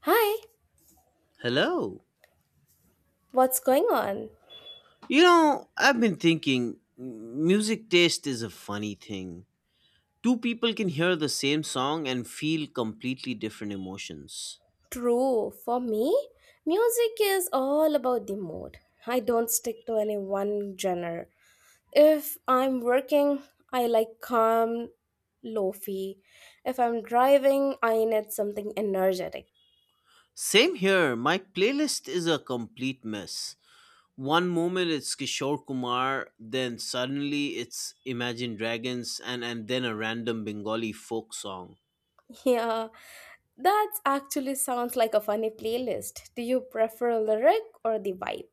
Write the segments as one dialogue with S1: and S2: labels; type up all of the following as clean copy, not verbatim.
S1: Hi,
S2: Hello.
S1: what's going on?
S2: You know, I've been thinking music taste is a funny thing. Two people can hear the same song and feel completely different emotions.
S1: True, for me, music is all about the mood. I don't stick to any one genre. If I'm working, I like calm, lofi. If I'm driving, I need something energetic.
S2: Same here, my playlist is a complete mess. One moment it's Kishore Kumar, then suddenly it's Imagine Dragons, and then a random Bengali folk song.
S1: Yeah, that actually sounds like a funny playlist. Do you prefer lyric or the vibe?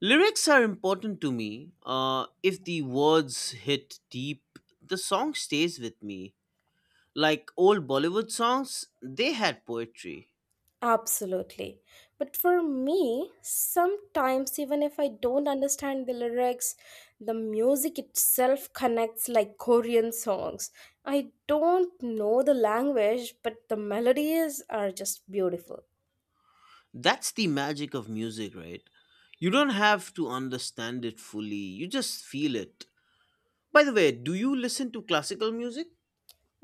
S2: Lyrics are important to me. If the words hit deep, the song stays with me. Like old Bollywood songs, they had poetry.
S1: Absolutely. But for me, sometimes even if I don't understand the lyrics, the music itself connects like Korean songs. I don't know the language, but the melodies are just beautiful.
S2: That's the magic of music, right? You don't have to understand it fully, you just feel it. By the way, do you listen to classical music?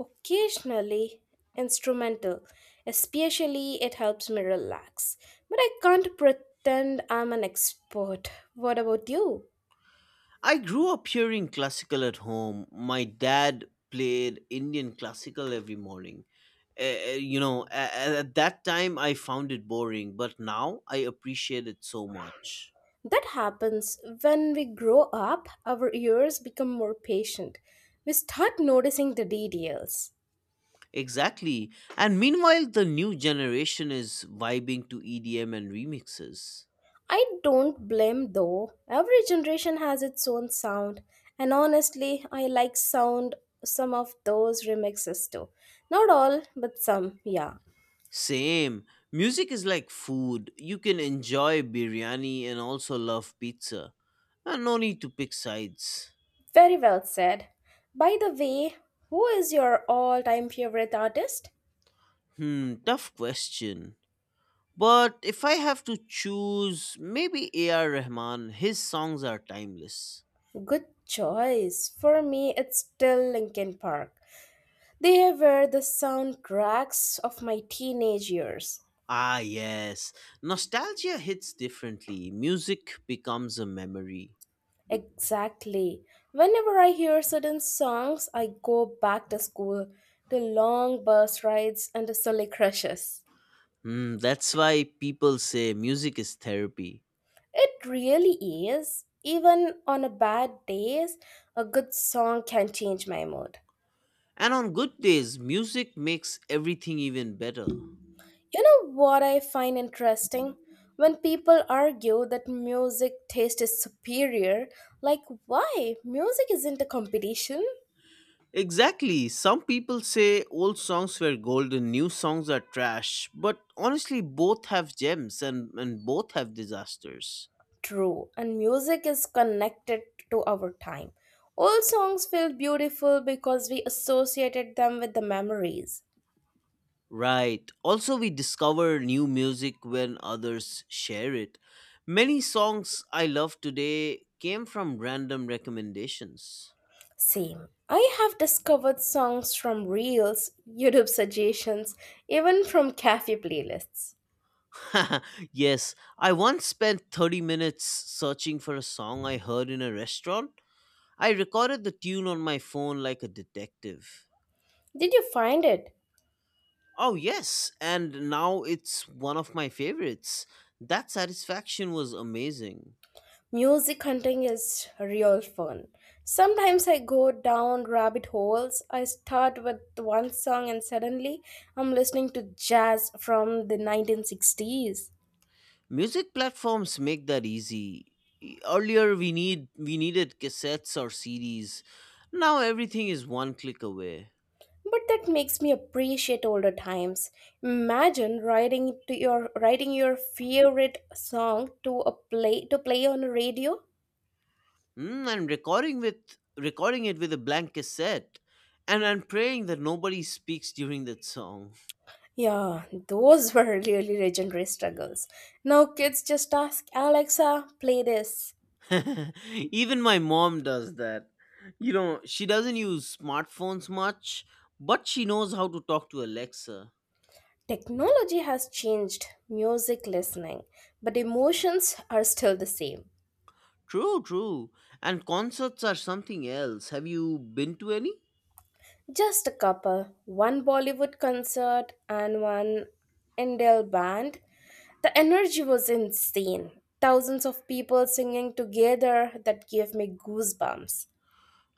S1: Occasionally, instrumental, especially it helps me relax. But I can't pretend I'm an expert. What about you?
S2: I grew up hearing classical at home. My dad played Indian classical every morning. At that time I found it boring, but now I appreciate it so much.
S1: That happens when we grow up, our ears become more patient. We start noticing the details.
S2: Exactly. And meanwhile, the new generation is vibing to EDM and remixes.
S1: I don't blame though. Every generation has its own sound, and honestly, I like sound some of those remixes too. Not all, but some, yeah.
S2: Same. Music is like food. You can enjoy biryani and also love pizza. And no need to pick sides.
S1: Very well said. By the way, who is your all-time favorite artist?
S2: Hmm, tough question. But if I have to choose, maybe A.R. Rahman, his songs are timeless.
S1: Good choice. For me, it's still Linkin Park. They were the sound cracks of my teenage years.
S2: Ah, yes. Nostalgia hits differently. Music becomes a memory.
S1: Exactly. Whenever I hear certain songs, I go back to school, to long bus rides and to silly crushes.
S2: Hmm, that's why people say music is therapy.
S1: It really is. Even on a bad days, a good song can change my mood.
S2: And on good days, music makes everything even better.
S1: You know what I find interesting? When people argue that music taste is superior, like why? Music isn't a competition.
S2: Exactly. Some people say old songs were gold and new songs are trash, but honestly, both have gems and both have disasters.
S1: True, and music is connected to our time. Old songs feel beautiful because we associated them with the memories.
S2: Right. Also, we discover new music when others share it. Many songs I love today came from random recommendations.
S1: Same. I have discovered songs from reels, YouTube suggestions, even from cafe playlists.
S2: Yes, I once spent 30 minutes searching for a song I heard in a restaurant. I recorded the tune on my phone like a detective.
S1: Did you find it?
S2: Oh, yes, and now it's one of my favorites. That satisfaction was amazing.
S1: Music hunting is real fun. Sometimes I go down rabbit holes. I start with one song and suddenly I'm listening to jazz from the 1960s.
S2: Music platforms make that easy. Earlier we needed cassettes or CDs. Now everything is one click away.
S1: But that makes me appreciate older times. Imagine riding to your writing your favorite song to play on a radio.
S2: And recording it with a blank cassette, and I'm praying that nobody speaks during that song.
S1: Yeah, those were really legendary struggles. Now kids just ask Alexa, play this.
S2: Even my mom does that. You know, she doesn't use smartphones much, but she knows how to talk to Alexa.
S1: Technology has changed music listening, but emotions are still the same.
S2: True, true. And concerts are something else. Have you been to any?
S1: Just a couple, one Bollywood concert and one Indel band. The energy was insane. Thousands of people singing together that gave me goosebumps.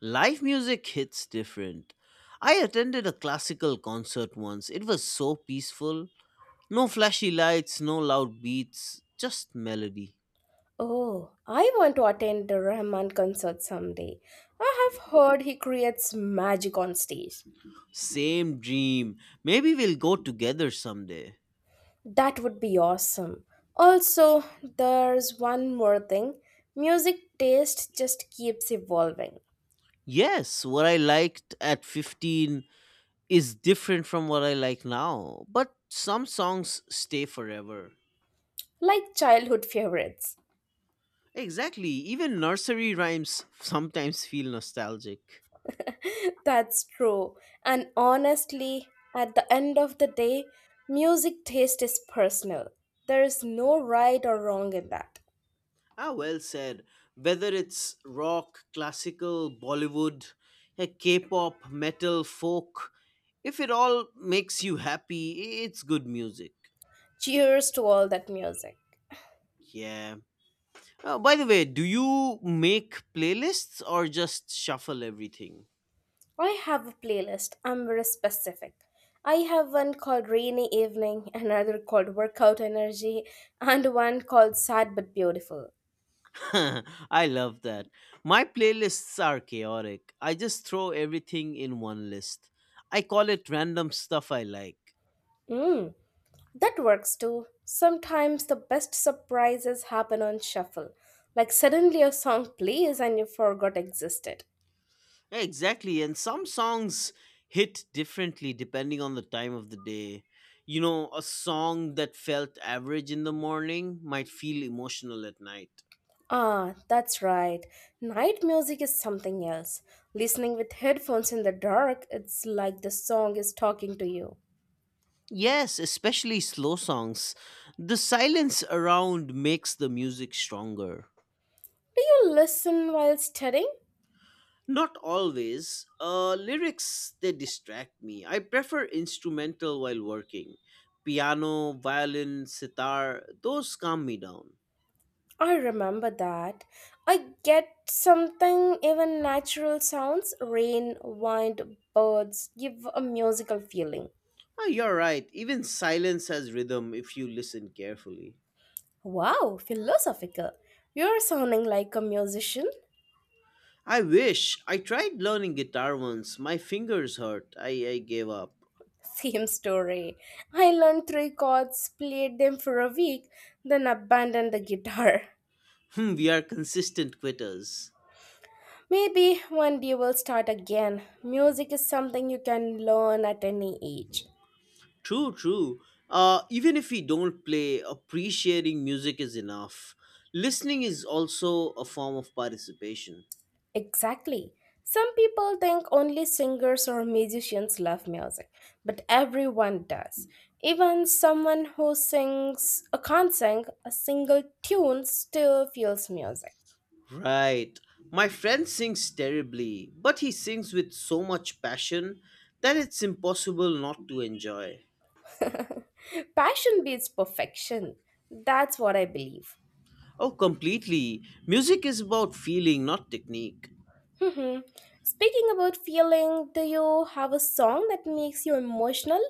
S2: Live music hits different. I attended a classical concert once. It was so peaceful. No flashy lights, no loud beats, just melody.
S1: Oh, I want to attend the Rahman concert someday. I have heard he creates magic on stage.
S2: Same dream. Maybe we'll go together someday.
S1: That would be awesome. Also, there's one more thing. Music taste just keeps evolving,
S2: Yes, what I liked at 15 is different from what I like now, but some songs stay forever.
S1: like childhood favorites.
S2: Exactly, even nursery rhymes sometimes feel nostalgic.
S1: That's true. And honestly, at the end of the day, music taste is personal. There is no right or wrong in that.
S2: Ah, well said. Whether it's rock, classical, Bollywood, K-pop, metal, folk, if it all makes you happy, it's good music.
S1: Cheers to all that music.
S2: Yeah. By the way, do you make playlists or just shuffle everything?
S1: I have a playlist. I'm very specific. I have one called Rainy Evening, another called Workout Energy, and one called Sad But Beautiful.
S2: I love that. My playlists are chaotic. I just throw everything in one list. I call it random stuff I like.
S1: Mm, that works too. Sometimes the best surprises happen on shuffle. Like suddenly a song plays and you forgot existed.
S2: Yeah, exactly. And some songs hit differently depending on the time of the day. You know, a song that felt average in the morning might feel emotional at night.
S1: Ah, that's right. Night music is something else. Listening with headphones in the dark, it's like the song is talking to you.
S2: Yes, especially slow songs. The silence around makes the music stronger.
S1: Do you listen while studying?
S2: Not always. Lyrics, they distract me. I prefer instrumental while working. Piano, violin, sitar, those calm me down.
S1: I remember that. I get something, even natural sounds, rain, wind, birds, give a musical feeling.
S2: Oh, you're right. Even silence has rhythm if you listen carefully.
S1: Wow, philosophical. You're sounding like a musician.
S2: I wish I tried learning guitar once. My fingers hurt. I gave up.
S1: Same story. I learned three chords, played them for a week, then abandoned the guitar.
S2: Hmm, we are consistent quitters.
S1: Maybe one day we'll start again. Music is something you can learn at any age.
S2: True, true. Even if we don't play, appreciating music is enough. Listening is also a form of participation.
S1: Exactly. Some people think only singers or musicians love music, but everyone does. Even someone who sings or can't sing a single tune still feels music.
S2: Right. My friend sings terribly, but he sings with so much passion that it's impossible not to enjoy.
S1: Passion beats perfection. That's what I believe.
S2: Oh, completely. Music is about feeling, not technique.
S1: hmm Speaking about feeling, do you have a song that makes you emotional?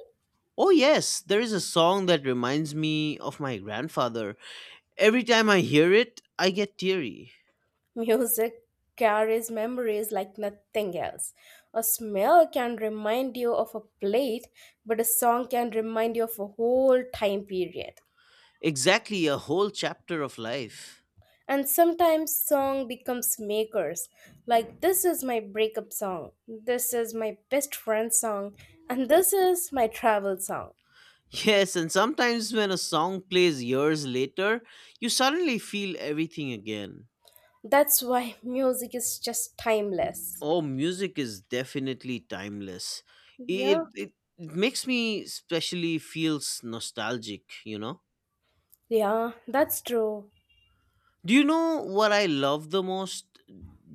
S2: Oh, yes, there is a song that reminds me of my grandfather. Every time I hear it, I get teary.
S1: Music carries memories like nothing else. A smell can remind you of a plate, but a song can remind you of a whole time period.
S2: Exactly, a whole chapter of life.
S1: And sometimes song becomes makers. Like this is my breakup song, this is my best friend song, and this is my travel song.
S2: Yes, and sometimes when a song plays years later, you suddenly feel everything again.
S1: That's why music is just timeless.
S2: Oh, music is definitely timeless.
S1: Yeah.
S2: It, it, it makes me especially feels nostalgic, you know?
S1: Yeah, that's true.
S2: Do you know what I love the most?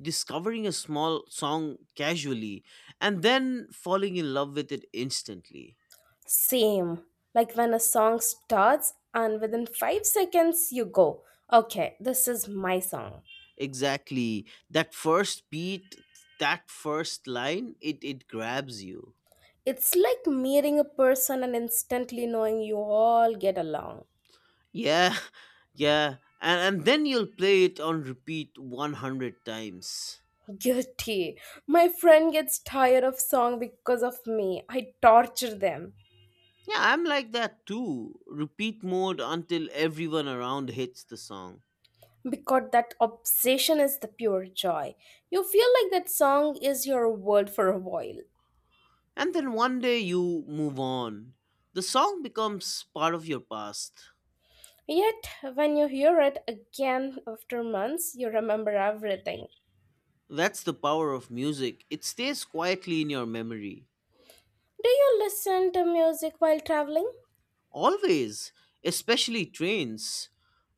S2: Discovering a small song casually and then falling in love with it instantly.
S1: Same. Like when a song starts and within 5 seconds you go, okay, this is my song.
S2: Exactly. That first beat, that first line, it grabs you.
S1: It's like meeting a person and instantly knowing you all get along.
S2: Yeah, yeah. And then you'll play it on repeat 100 times.
S1: Guilty. My friend gets tired of song because of me. I torture them.
S2: Yeah, I'm like that too. Repeat mode until everyone around hits the song.
S1: Because that obsession is the pure joy. You feel like that song is your world for a while.
S2: And then one day you move on. The song becomes part of your past.
S1: Yet, when you hear it again after months, you remember everything.
S2: That's the power of music. It stays quietly in your memory.
S1: Do you listen to music while traveling?
S2: Always, especially trains.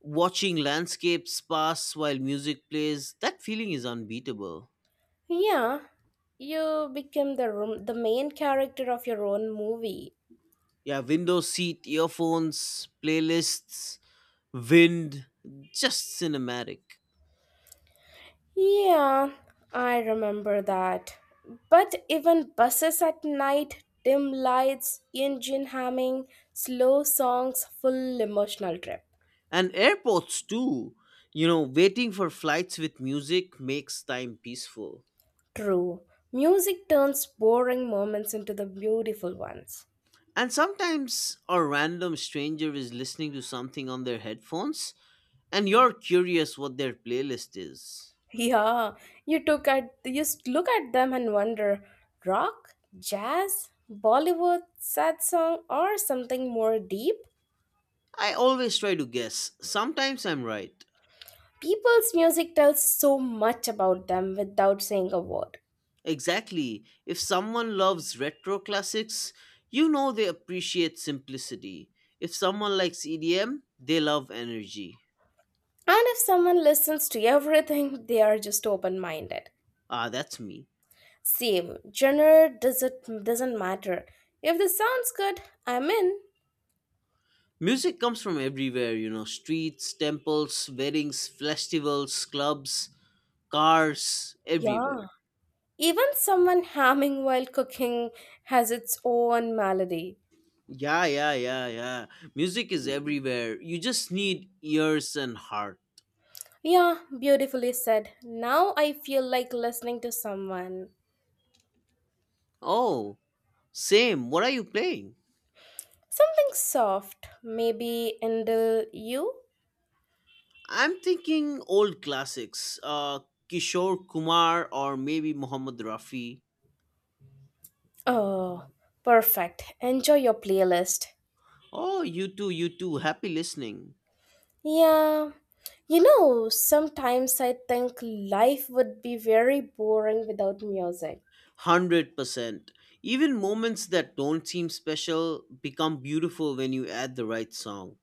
S2: Watching landscapes pass while music plays, that feeling is unbeatable.
S1: Yeah, you become the room, the main character of your own movie.
S2: Yeah, window seat, earphones, playlists, wind, just cinematic.
S1: Yeah, I remember that. But even buses at night, dim lights, engine humming, slow songs, full emotional trip.
S2: And airports too. You know, waiting for flights with music makes time peaceful.
S1: True, music turns boring moments into the beautiful ones.
S2: And sometimes a random stranger is listening to something on their headphones, and you're curious what their playlist is.
S1: Yeah, you took at you s- look at them and wonder, rock, jazz, Bollywood, sad song, or something more deep.
S2: I always try to guess. Sometimes I'm right.
S1: People's music tells so much about them without saying a word.
S2: Exactly. If someone loves retro classics, you know they appreciate simplicity. If someone likes EDM, they love energy.
S1: And if someone listens to everything, they are just open-minded.
S2: Ah, that's me.
S1: Same genre doesn't matter. If the sounds good, I'm in.
S2: Music comes from everywhere, you know, streets, temples, weddings, festivals, clubs, cars, everywhere.
S1: Yeah. Even someone hamming while cooking has its own melody.
S2: Yeah, yeah, yeah, yeah. Music is everywhere. You just need ears and heart.
S1: Yeah, beautifully said. Now I feel like listening to someone.
S2: Oh, same. What are you playing?
S1: Something soft, maybe Indil you?
S2: I'm thinking old classics. Kishore Kumar or maybe Mohammed Rafi.
S1: Oh, perfect. Enjoy your playlist.
S2: Oh, you too, you too. Happy listening.
S1: Yeah. You know, sometimes I think life would be very boring without music.
S2: 100%. Even moments that don't seem special become beautiful when you add the right song.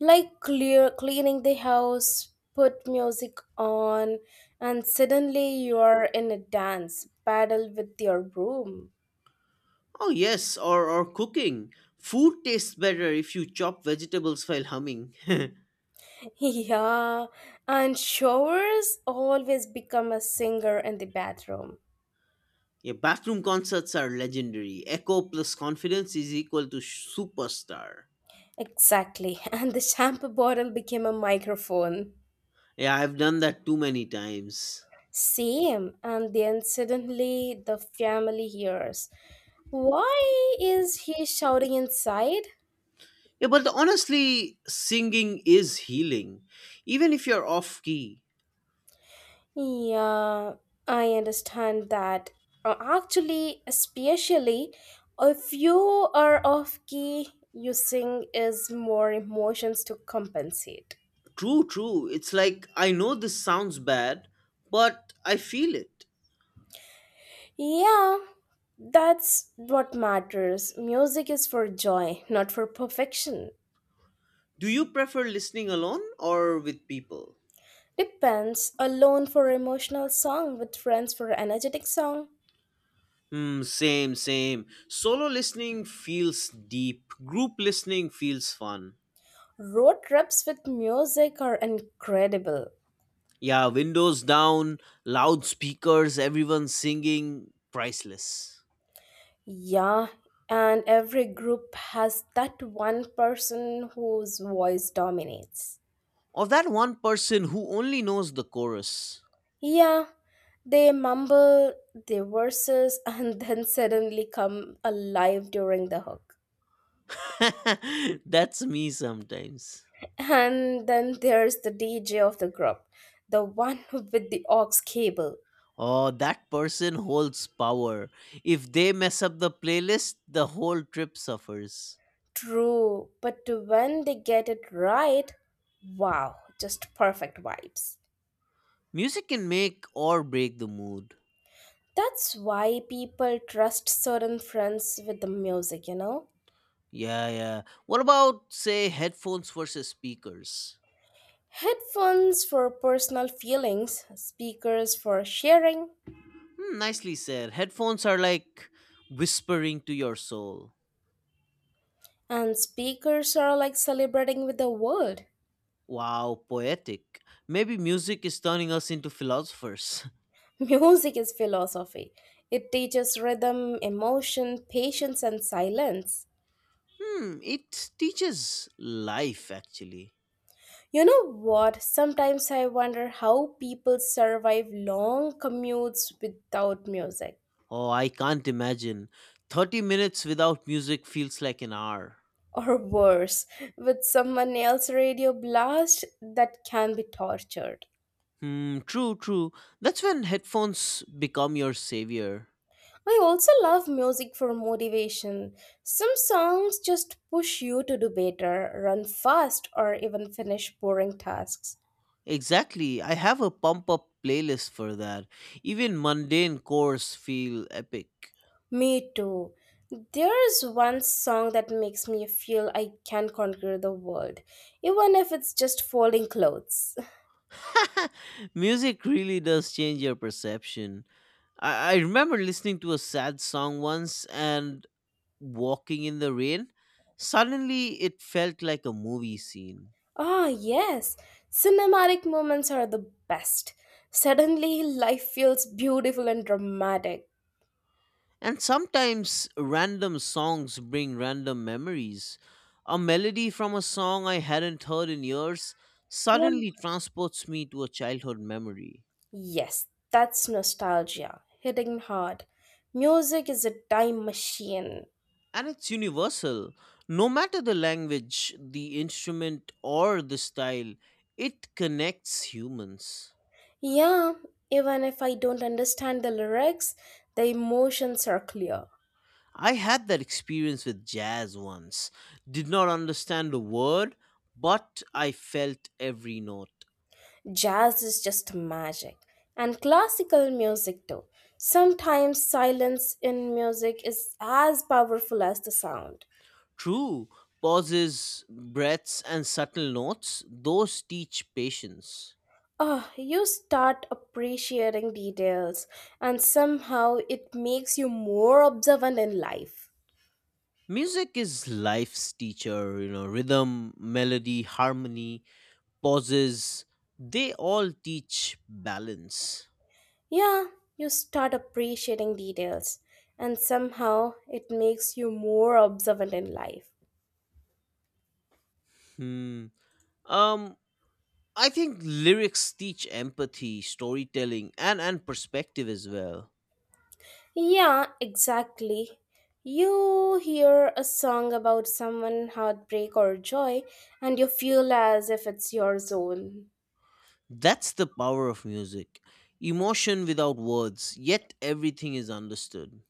S1: Like clear cleaning the house, put music on, and suddenly you are in a dance battle with your broom.
S2: Oh, yes, or cooking. Food tastes better if you chop vegetables while humming.
S1: Yeah, and showers always become a singer in the bathroom.
S2: Yeah, bathroom concerts are legendary. Echo plus confidence is equal to superstar.
S1: Exactly, and the shampoo bottle became a microphone.
S2: Yeah, I've done that too many times.
S1: Same, and then suddenly the family hears. Why is he shouting inside?
S2: Yeah, but honestly, singing is healing, even if you're off key.
S1: Yeah, I understand that. Actually, especially if you are off key, using is more emotions to compensate.
S2: True, true. It's like I know this sounds bad, but I feel it.
S1: Yeah, that's what matters. Music is for joy, not for perfection.
S2: Do you prefer listening alone or with people?
S1: Depends, alone for emotional song, with friends for energetic song.
S2: Hmm, same, same. Solo listening feels deep, group listening feels fun.
S1: Road trips with music are incredible.
S2: Yeah, windows down, loudspeakers, everyone singing, priceless.
S1: Yeah, and every group has that one person whose voice dominates.
S2: Or that one person who only knows the chorus.
S1: Yeah, they mumble their verses and then suddenly come alive during the hook.
S2: That's me sometimes.
S1: And then there's the DJ of the group, the one with the aux cable.
S2: Oh, that person holds power. If they mess up the playlist, the whole trip suffers.
S1: True, but when they get it right, wow, just perfect vibes.
S2: Music can make or break the mood.
S1: That's why people trust certain friends with the music, you know?
S2: Yeah, yeah. What about, say, headphones versus speakers?
S1: Headphones for personal feelings, speakers for sharing,
S2: Hmm, nicely said. Headphones are like whispering to your soul.
S1: and speakers are like celebrating with the world.
S2: Wow, poetic. Maybe music is turning us into philosophers.
S1: Music is philosophy. It teaches rhythm, emotion, patience, and silence.
S2: Hmm, it teaches life actually.
S1: You know what? Sometimes I wonder how people survive long commutes without music.
S2: Oh, I can't imagine. 30 minutes without music feels like an hour.
S1: Or worse, with someone else's radio blast that can be tortured.
S2: Hmm, true, true. That's when headphones become your savior.
S1: I also love music for motivation. Some songs just push you to do better, run fast, or even finish boring tasks.
S2: Exactly. I have a pump up playlist for that. Even mundane chores feel epic.
S1: Me too. There's one song that makes me feel I can conquer the world, even if it's just folding clothes.
S2: Music really does change your perception. I remember listening to a sad song once and walking in the rain. Suddenly, it felt like a movie scene.
S1: Ah, yes. Cinematic moments are the best. Suddenly, life feels beautiful and dramatic.
S2: And sometimes, random songs bring random memories. A melody from a song I hadn't heard in years
S1: Yeah.
S2: suddenly transports me to a childhood memory.
S1: Yes, that's nostalgia, hitting hard. Music is a time machine.
S2: And it's universal, no matter the language, the instrument or the style, it connects humans.
S1: Yeah, even if I don't understand the lyrics, the emotions are clear.
S2: I had that experience with jazz once. Did not understand a word, but I felt every note.
S1: Jazz is just magic. And classical music too. Sometimes silence in music is as powerful as the sound.
S2: True, pauses, breaths and subtle notes, those teach patience.
S1: Ah, you start appreciating details, and somehow it makes you more observant in life.
S2: Music is life's teacher, you know, rhythm, melody, harmony, pauses, they all teach balance.
S1: Yeah, you start appreciating details, and somehow it makes you more observant in life.
S2: Hmm. Um, I think lyrics teach empathy, storytelling, and perspective as well.
S1: Yeah, exactly. You hear a song about someone heartbreak or joy, and you feel as if it's your own.
S2: That's the power of music. Emotion without words, yet everything is understood.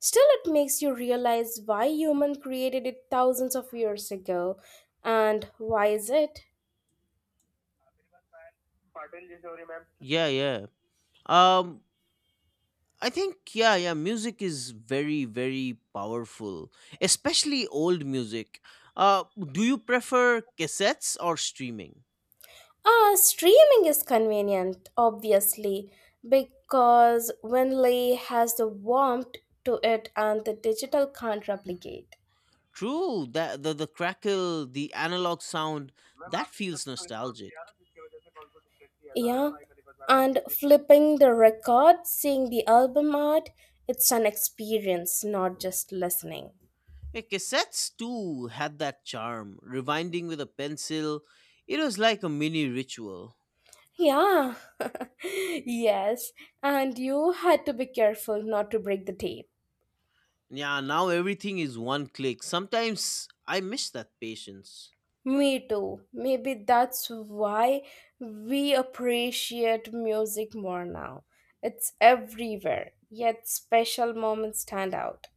S1: Still, it makes you realize why human created it thousands of years ago. And why is it?
S2: Yeah, yeah. Um, I think, yeah, yeah, music is very, very powerful, especially old music. Uh, do you prefer cassettes or streaming?
S1: Ah, streaming is convenient, obviously, because Winley has the warmth to it and the digital can't replicate.
S2: True, that the crackle, the analog sound, that feels nostalgic.
S1: Yeah, and flipping the record, seeing the album art, it's an experience, not just listening.
S2: Yeah, cassettes too had that charm. Rewinding with a pencil, it was like a mini ritual.
S1: Yeah. Yes. And you had to be careful not to break the tape.
S2: Yeah, now everything is one click. Sometimes I miss that patience.
S1: Me too. Maybe that's why we appreciate music more now. It's everywhere, yet special moments stand out.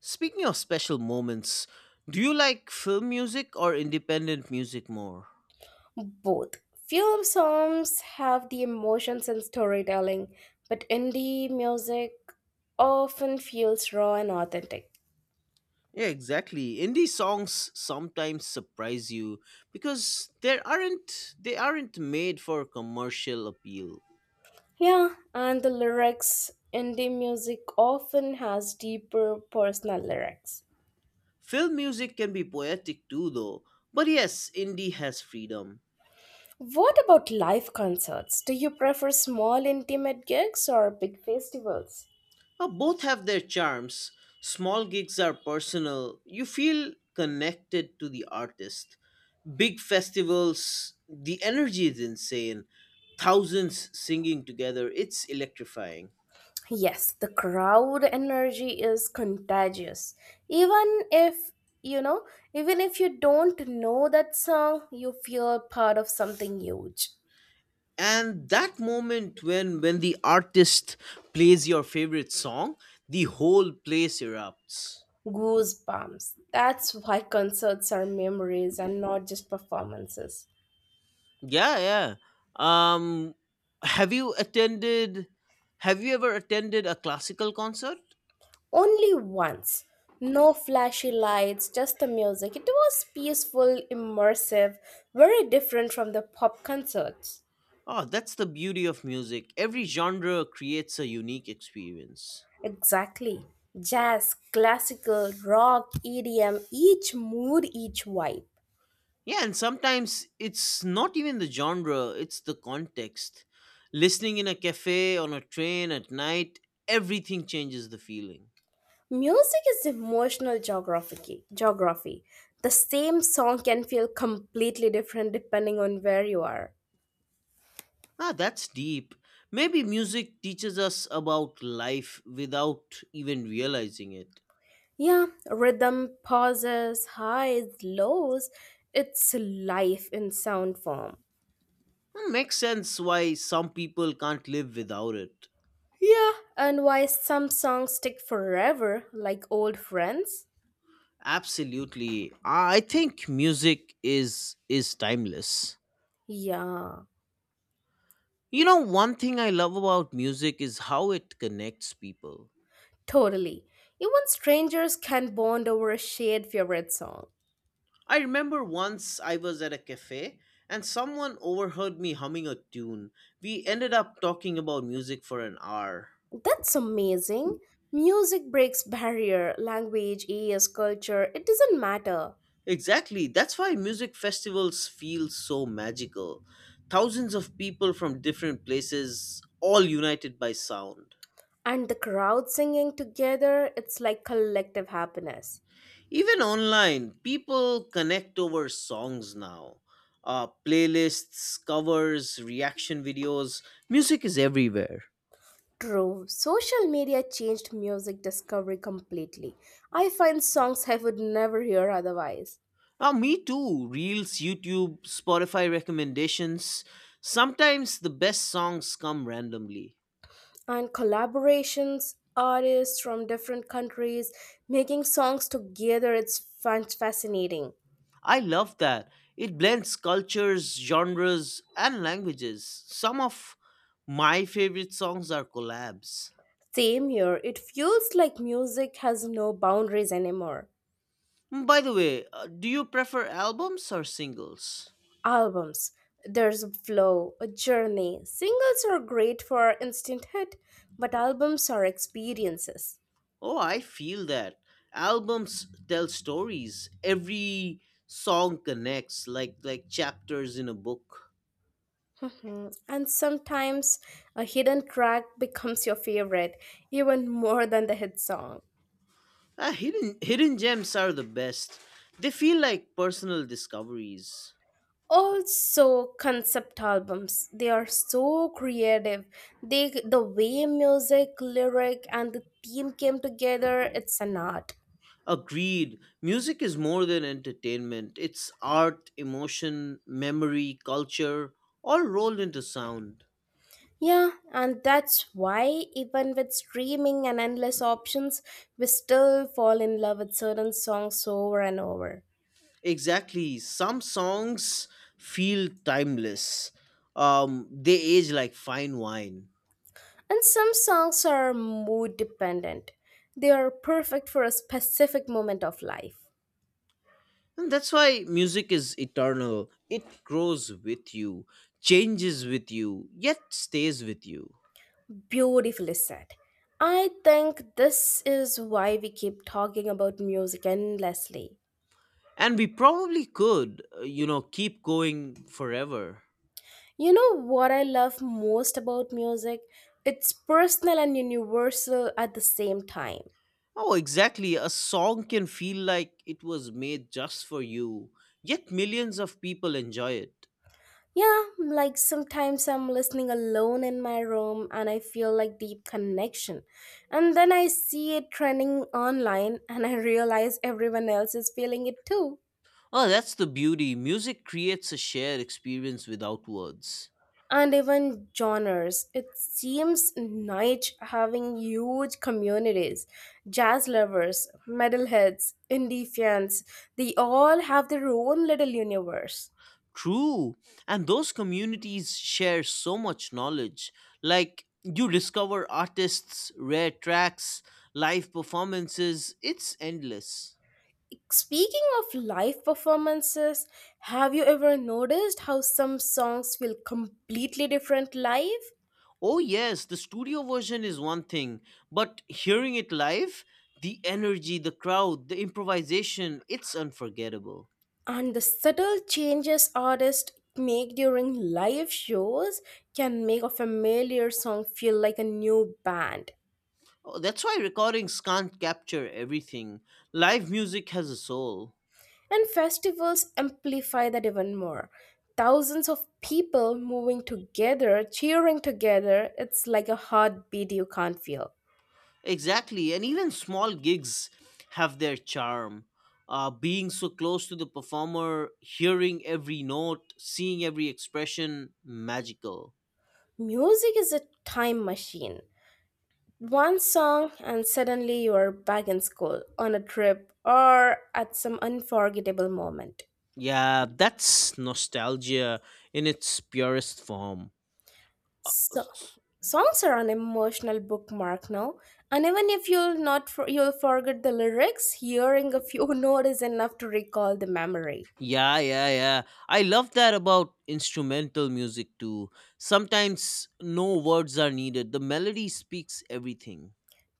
S2: Speaking of special moments, do you like film music or independent music more?
S1: Both. Film songs have the emotions and storytelling, but indie music often feels raw and authentic.
S2: Yeah, exactly. Indie songs sometimes surprise you because there aren't they aren't made for commercial appeal.
S1: Yeah, and the lyrics in the music often has deeper personal lyrics.
S2: Film music can be poetic too though, but yes, indie has freedom.
S1: What about live concerts? Do you prefer small intimate gigs or big festivals?
S2: Both have their charms. Small gigs are personal. You feel connected to the artist. Big festivals, the energy is insane. Thousands singing together, it's electrifying.
S1: Yes, the crowd energy is contagious. Even if you know, even if you don't know that song, you feel part of something huge.
S2: And that moment when the artist plays your favorite song, the whole place erupts.
S1: Goosebumps. That's why concerts are memories and not just performances.
S2: Yeah, yeah. um have you attended have you ever attended a classical concert?
S1: Only once. No flashy lights, just the music. It was peaceful, immersive, very different from the pop concerts.
S2: Oh, that's the beauty of music. Every genre creates a unique experience.
S1: Exactly. Jazz, classical, rock, EDM, each mood, each vibe.
S2: Yeah, and sometimes it's not even the genre, it's the context. Listening in a cafe, on a train at night, everything changes the feeling.
S1: Music is emotional geography. Geography. The same song can feel completely different depending on where you are.
S2: Ah, that's deep. Maybe music teaches us about life without even realizing it.
S1: Yeah, rhythm, pauses, highs, lows. It's life in sound form.
S2: Hmm, makes sense why some people can't live without it.
S1: Yeah, and why some songs stick forever, like old friends?
S2: Absolutely. Ah, I think music is timeless.
S1: Yeah,
S2: You know, one thing I love about music is how it connects people.
S1: totally. Even strangers can bond over a shared favorite song.
S2: I remember once I was at a cafe and someone overheard me humming a tune. We ended up talking about music for an hour.
S1: That's amazing. Music breaks barrier, language, age, culture, it doesn't matter.
S2: Exactly. That's why music festivals feel so magical. Thousands of people from different places, all united by sound.
S1: And the crowd singing together, it's like collective happiness.
S2: Even online, people connect over songs now. Playlists, covers, reaction videos. Music is everywhere.
S1: True, social media changed music discovery completely. I find songs I would never hear otherwise.
S2: Ah, me too. Reels, YouTube, Spotify recommendations. Sometimes the best songs come randomly.
S1: And collaborations, artists from different countries making songs together, it's fascinating.
S2: I love that. It blends cultures, genres, and languages. Some of my favorite songs are collabs.
S1: Same here, it feels like music has no boundaries anymore.
S2: Hmm, by the way, do you prefer albums or singles?
S1: Albums. There's a flow, a journey. Singles are great for instant hit, but albums are experiences.
S2: Oh, I feel that. Albums tell stories. Every song connects like chapters in a book.
S1: Mhm. And sometimes a hidden track becomes your favorite, even more than the hit song.
S2: Ah, hidden gems are the best. They feel like personal discoveries.
S1: Also concept albums, they are so creative. They, the way music lyric and the theme came together, it's an art.
S2: Agreed. Music is more than entertainment. It's art, emotion, memory, culture, all rolled into sound.
S1: Yeah, and that's why even with streaming and endless options, we still fall in love with certain songs over and over.
S2: Exactly. Some songs feel timeless. They age like fine wine.
S1: And some songs are mood dependent, they are perfect for a specific moment of life.
S2: And that's why music is eternal. It grows with you, changes with you, yet stays with you.
S1: Beautifully said. I think this is why we keep talking about music endlessly.
S2: And we probably could, keep going forever.
S1: You know what I love most about music? It's personal and universal at the same time.
S2: Oh, exactly. A song can feel like it was made just for you, yet millions of people enjoy it.
S1: Yeah, like sometimes I'm listening alone in my room and I feel like deep connection. And then I see it trending online and I realize everyone else is feeling it too.
S2: Oh, that's the beauty. Music creates a shared experience without words.
S1: And even genres. It seems niche having huge communities. Jazz lovers, metalheads, indie fans, they all have their own little universe.
S2: True. And those communities share so much knowledge. Like, you discover artists, rare tracks, live performances. It's endless.
S1: Speaking of live performances, have you ever noticed how some songs feel completely different live?
S2: Oh, yes, the studio version is one thing, but hearing it live, the energy, the crowd, the improvisation, it's unforgettable.
S1: And the subtle changes artists make during live shows can make a familiar song feel like a new band.
S2: Oh, that's why recordings can't capture everything. Live music has a soul.
S1: And festivals amplify that even more. Thousands of people moving together, cheering together, it's like a heartbeat you can't feel.
S2: Exactly, and even small gigs have their charm. Being so close to the performer, hearing every note, seeing every expression, magical.
S1: Music is a time machine. One song, and suddenly you are back in school, on a trip, or at some unforgettable moment.
S2: Yeah, that's nostalgia in its purest form.
S1: So, songs are an emotional bookmark now, and even if you'll not for, you'll forget the lyrics, hearing a few notes is enough to recall the memory.
S2: Yeah, yeah, yeah. I love that about instrumental music too. Sometimes no words are needed, the melody speaks everything.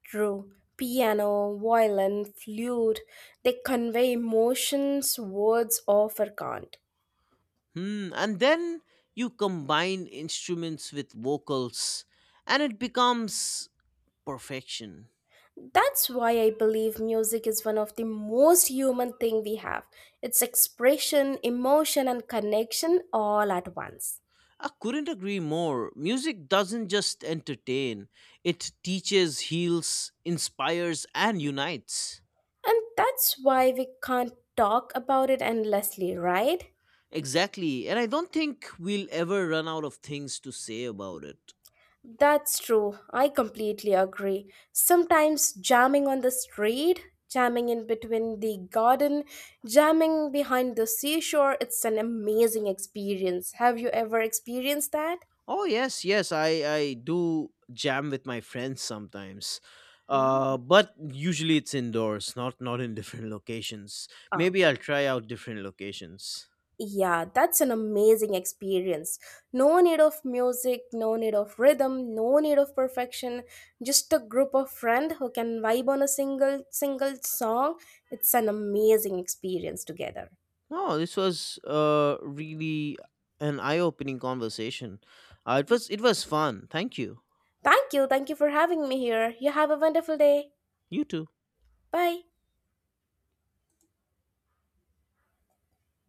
S1: True. Piano, violin, flute, they convey emotions words often can't.
S2: Hmm. And then you combine instruments with vocals, and it becomes perfection.
S1: That's why I believe music is one of the most human thing we have. It's expression, emotion and connection all at once.
S2: I couldn't agree more. Music doesn't just entertain, it teaches, heals, inspires, and unites.
S1: And that's why we can't talk about it endlessly, right?
S2: Exactly. And I don't think we'll ever run out of things to say about it.
S1: That's true. I completely agree. Sometimes jamming on the street, jamming in between the garden, jamming behind the seashore, it's an amazing experience. Have you ever experienced that?
S2: Oh yes, yes, I do jam with my friends sometimes.
S1: Yeah.
S2: But usually it's indoors, not in different locations.
S1: Oh.
S2: Maybe I'll try out different locations.
S1: Yeah, that's an amazing experience. No need of music, no need of rhythm, no need of perfection. Just a group of friends who can vibe on a single song. It's an amazing experience together.
S2: No, this was really an eye-opening conversation. It was fun. Thank you.
S1: Thank you. Thank you for having me here. You have a wonderful day.
S2: You too.
S1: Bye.